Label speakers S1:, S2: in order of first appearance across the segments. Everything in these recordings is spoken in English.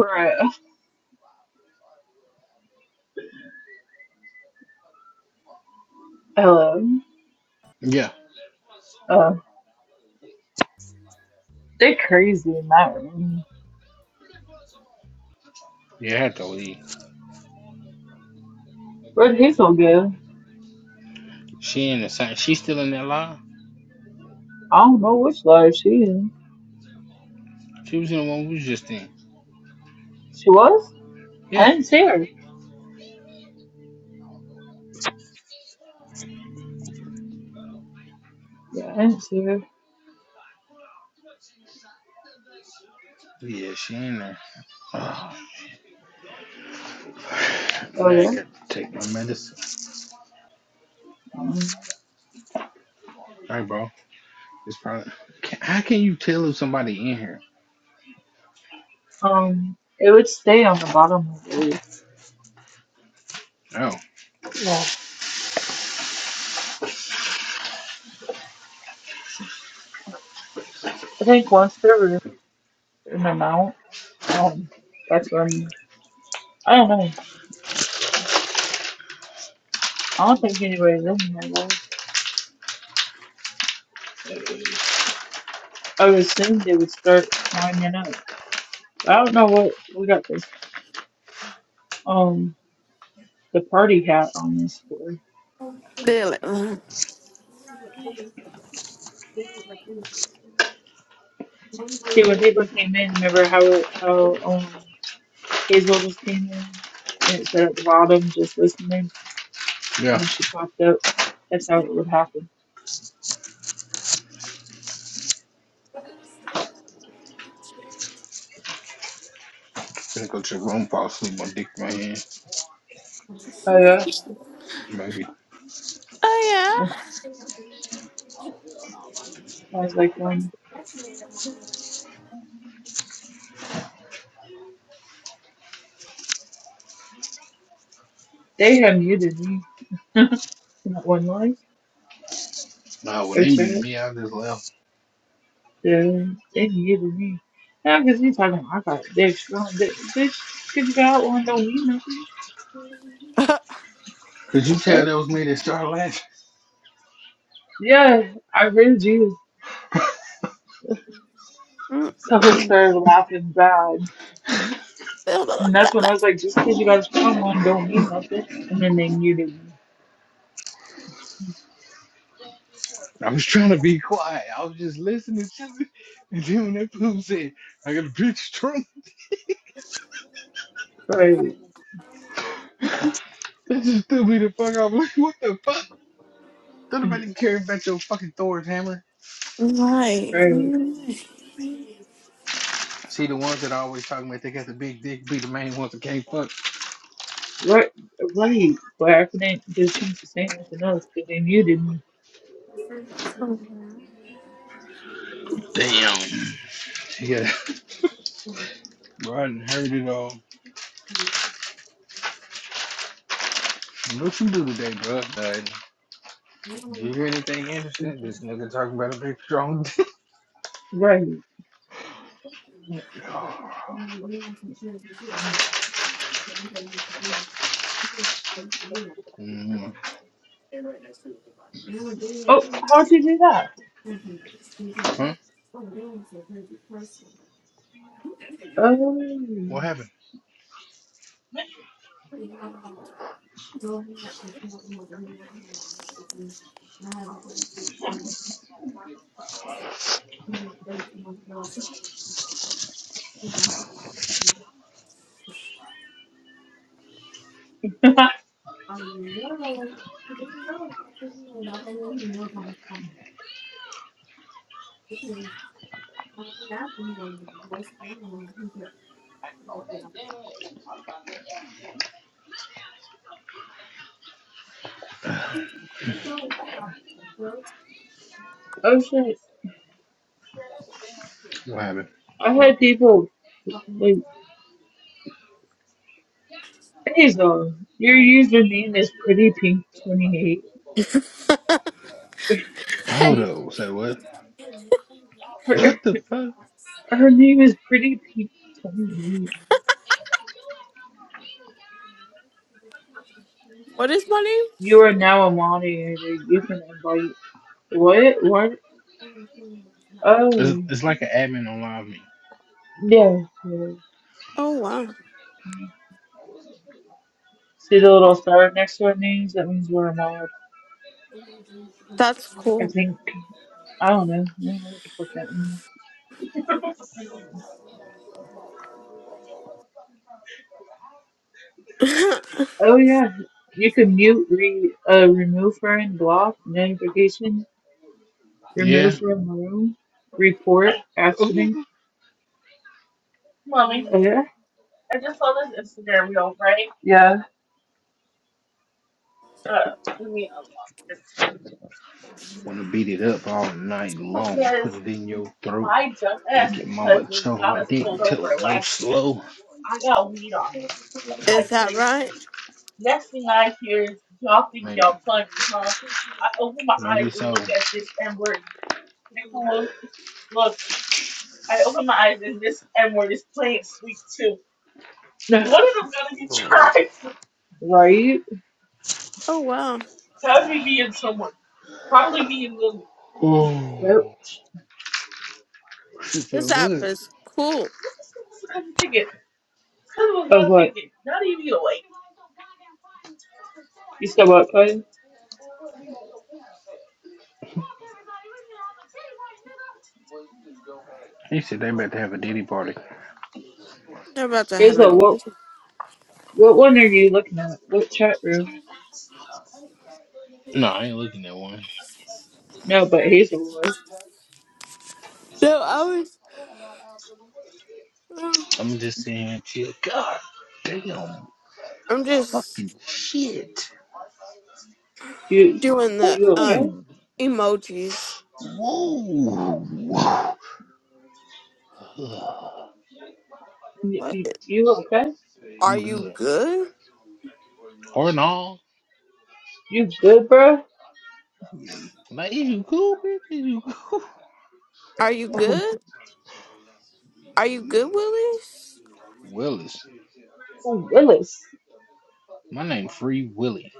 S1: Bruh. hello.
S2: Yeah,
S1: uh, they crazy in that room.
S2: yeah, I had to leave.
S1: Where'd he so good?
S2: She in the same. She still in that line.
S1: I don't know which live she in.
S2: She was in the one we was just in.
S1: She was? I
S2: Yeah,
S1: didn't see her. Yeah, I didn't see her.
S2: yeah, she in there. Oh,
S1: Oh
S2: now I
S1: yeah.
S2: got to take my medicine.
S1: Mm.
S2: All right, bro. It's probably. Can, how can you tell if somebody in here?
S1: Um, it would stay on the bottom of the leaf.
S2: Oh,
S1: Yeah. I think once they're in and out, um, that's when I don't know. I don't think anybody's in here though. I would assume they would start lining up. I don't know what we got this. Um. the party hat on this floor.
S3: Dylan.
S1: See, when people came in, remember how how um, Hazel just came in and it said at the bottom, just listening, and
S2: yeah.
S1: then she popped up. That's how it would happen.
S2: Gonna go to the room, fall asleep on dick in my hand.
S1: Oh yeah,
S2: Maybe.
S3: Oh
S1: I was like, one. They had muted me. Not one life
S2: Nah, when
S1: or
S2: they muted
S1: chat.
S2: me, I just left.
S1: Yeah, they muted me. Now, because you talking, I got they're strong. Th- This, because you got one, don't mean nothing.
S3: yeah.
S2: Could you
S1: That's
S2: tell
S1: right.
S2: that was me that started laughing?
S1: Yeah, I heard you. So I
S3: Mm-mm.
S1: started laughing bad. And that's when I was like, just because you guys found one don't mean nothing. And then they muted me.
S2: I was trying to be quiet. I was just listening to it. And then when that poop said, I got a bitch drunk.
S1: Right,
S2: This just threw me the fuck off. Like, what the fuck? Don't
S1: right.
S2: nobody care about your fucking Thor's hammer.
S3: Right.
S2: See the ones that are always talking about they got the big dick be the main ones that can't fuck.
S1: Right, right. But I couldn't get a chance to say nothing else because they muted me.
S2: Damn. Yeah. Bro, I done heard it all. What you do today, bro? Uh, you hear anything interesting? This nigga talking about a big strong dick.
S1: Right.
S2: Oh. mm.
S1: Oh, how'd you do that?
S2: Huh? What
S1: Oh.
S2: happened?
S1: oh, shit.
S2: What happened?
S1: I had people like, Hazel, your username is Pretty Pink 28.
S2: Hold
S3: Hey,
S2: up. Say what?
S1: Her,
S2: What the fuck?
S1: her name is Pretty Pink 28.
S3: what is my name?
S1: You are now a moderator. You can invite. What? What?
S2: It's,
S1: Oh.
S2: it's like an admin on live me.
S1: Yeah. yeah.
S3: Oh wow,
S1: See the little star right next to our names? That means we're allowed.
S3: that's
S1: I
S3: cool.
S1: think. I don't know. I don't know what the fuck that means.
S3: is
S1: Oh yeah, you can mute, re, uh, remove friend, block, notification, remove
S2: Yeah.
S1: from room, report, accident. Oh yeah. Yeah.
S2: Want to beat it up all night long. Put it in your throat. Make your mama choke my dick till it go slow.
S3: that right?
S2: Maybe. Maybe so.
S1: Now, one of them gotta get tried. Right.
S3: Oh wow,
S1: Yep.
S2: Oh, she feel
S3: this app
S2: good.
S3: is cool.
S1: Some Of what? Not even like. You said what, Clay?
S2: He said they about to have a diddy party.
S3: They're about to have a
S1: Hazel,
S3: no.
S1: what what one are you looking at? What chat room?
S2: No, I ain't looking at one.
S1: No, but Hazel.
S3: I was. um,
S2: I'm just sitting here chill. God damn.
S3: I'm
S2: Fucking
S3: just
S2: shit.
S1: You
S3: doing the
S1: you
S3: um
S1: okay?
S2: Woo.
S3: emojis.
S2: Whoa. Whoa.
S1: You, you,
S3: What?
S1: you okay?
S3: Are
S2: I'm
S3: you
S2: good.
S3: good?
S2: Or no.
S1: You good, bro?
S2: Like, is you cool, bitch? Is you cool?
S3: Are you good? Are you good,
S2: Mm,
S3: Willis?
S2: Willis.
S1: Oh, Willis.
S2: My name Free Willie.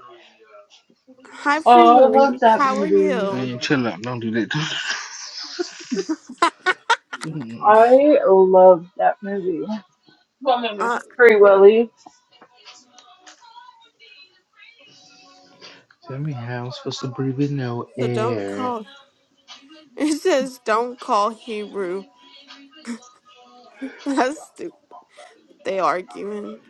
S3: Hi, Free
S1: Oh, I love
S3: Willie.
S1: that
S3: How are
S1: movie.
S3: you?
S2: Man, chill out. Don't do that.
S1: I love that movie. I'm in
S3: Uh,
S1: Free Willy.
S2: Tell me how I'm supposed to breathe with no
S3: so don't
S2: air?
S3: call. It says don't call Hebrew. That's stupid. They arguing.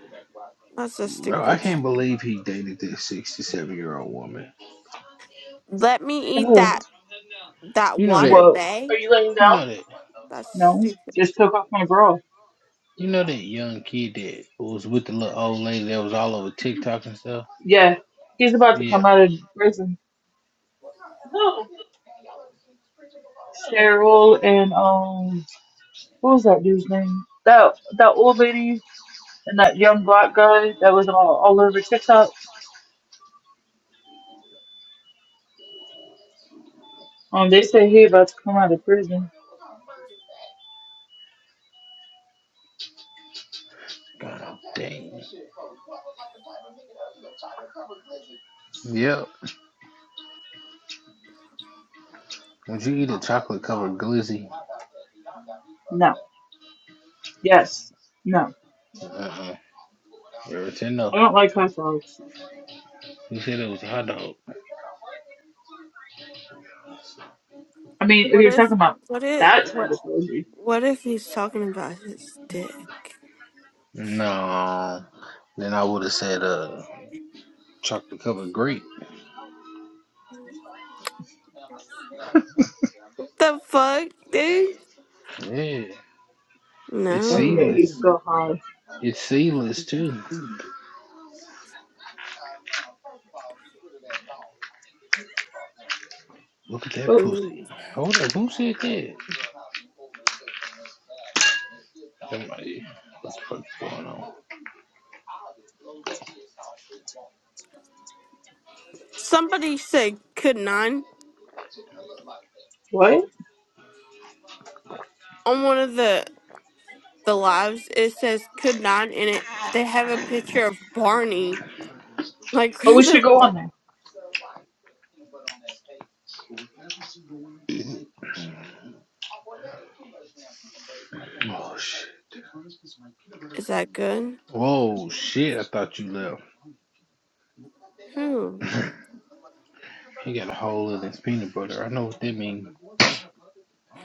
S3: That's so
S2: Bro, I
S3: stupid.
S2: can't believe he dated this 67 year old woman.
S3: Let me eat
S1: Ugh.
S3: that that
S2: You know that,
S3: water
S1: Whoa.
S3: bay.
S2: you know that,
S3: That's
S1: No,
S3: stupid.
S1: just took off my bra.
S2: you know that young kid that was with the little old lady that was all over TikTok and stuff?
S1: Yeah, he's about to
S2: Yeah.
S1: come out of prison. Cheryl and um, what was that dude's name? That that old lady and that young black guy that was all, all over TikTok. Um, they say he about to come out of prison.
S2: God dang. Yep. Would you eat a chocolate covered glizzy?
S1: No. Yes. No.
S2: Uh-uh. Ever said
S1: I
S2: no.
S1: don't like hot dogs.
S2: You said it was a hot dog.
S1: I mean, if
S3: What
S1: you're
S3: if
S1: talking about
S3: what if
S1: that type
S3: what
S1: of burger,
S3: what if he's talking about his dick?
S2: No. Then I would have said uh chocolate covered grape.
S3: The fuck, dude?
S2: Yeah. It's
S1: don't forget
S3: No.
S2: seedless.
S1: he's still high.
S2: It's seedless too. Look at that
S1: Oh,
S2: pussy. Hold up, who said that? Somebody. What the fuck's going on?
S3: Somebody said could nine
S1: what?
S3: on one of the the lives. It says could nine in it. They have a picture of Barney. Like
S1: Oh, we
S3: what
S1: should
S3: the
S1: go
S3: fuck
S1: on there.
S2: Oh shit.
S3: is that good?
S2: Whoa shit, I thought you left.
S3: Who?
S2: He got a hole in his peanut butter. I know what that means.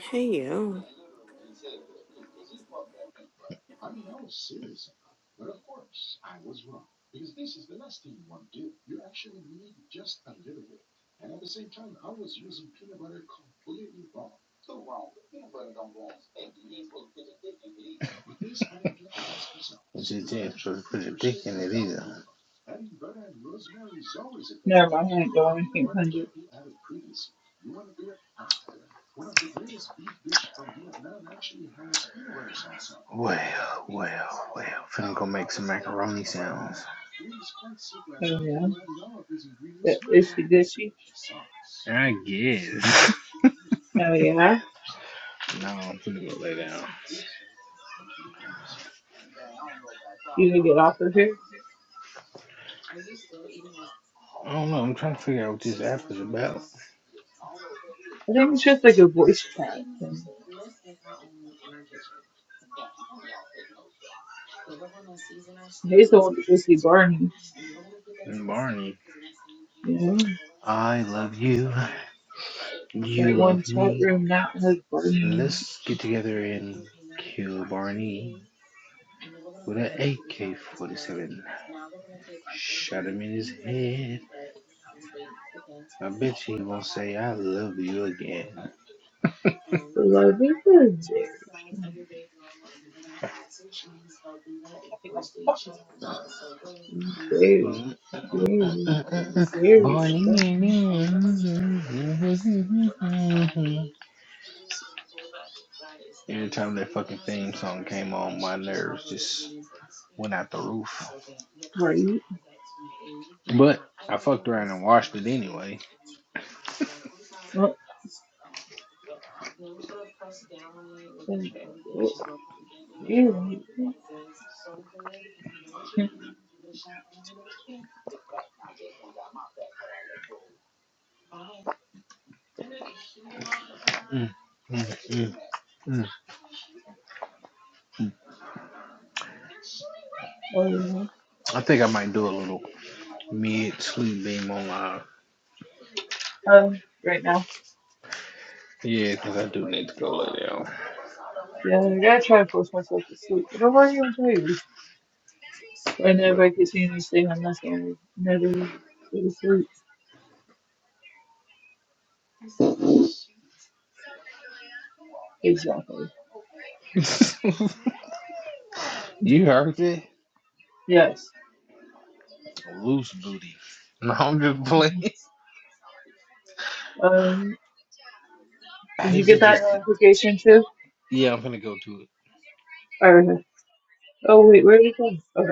S3: Hey, yo.
S2: It's just damn so to put your dick in it either.
S1: Never mind. I ain't going. I can't find it.
S2: Well, well, well. Finna go make some macaroni sounds.
S1: Oh, yeah. That itchy ditchy.
S2: I guess.
S1: Oh, yeah.
S2: no, I'm finna go lay down.
S1: You gonna get off of here.
S2: I don't know, I'm trying to figure out what this app is about.
S1: I think it's just like a voice chat thing. He's the one that goes see Barney.
S2: And Barney.
S1: You know?
S2: I love you. You
S1: That one
S2: love
S1: chat
S2: me.
S1: room that has Barney.
S2: Let's get together and kill Barney with an AK 47. Shot him in his head. I bet you he won't say, I love you again.
S1: The love is there. very, very, very
S2: Barney.
S1: strong.
S2: Every time that fucking theme song came on, my nerves just went out the roof.
S1: Right?
S2: But I fucked around and watched it anyway.
S1: Oh, Um, you-
S2: Mm, mm, mm, mm.
S1: Oh, yeah.
S2: I think I might do a little mid sleep beam online.
S1: Um, right now.
S2: Yeah, because I do need to go lay down.
S1: Yeah, I gotta try to force myself to sleep, but I'm already tired. I never
S2: But
S1: I keep seeing this thing, I'm never go to sleep. Exactly.
S2: you heard it?
S1: Yes.
S2: Loose booty. No, I'm just playing.
S1: Um, did you
S2: Hazel
S1: get that
S2: just,
S1: notification too?
S2: yeah, I'm gonna go to it.
S1: Or, oh wait, where did it go? Okay.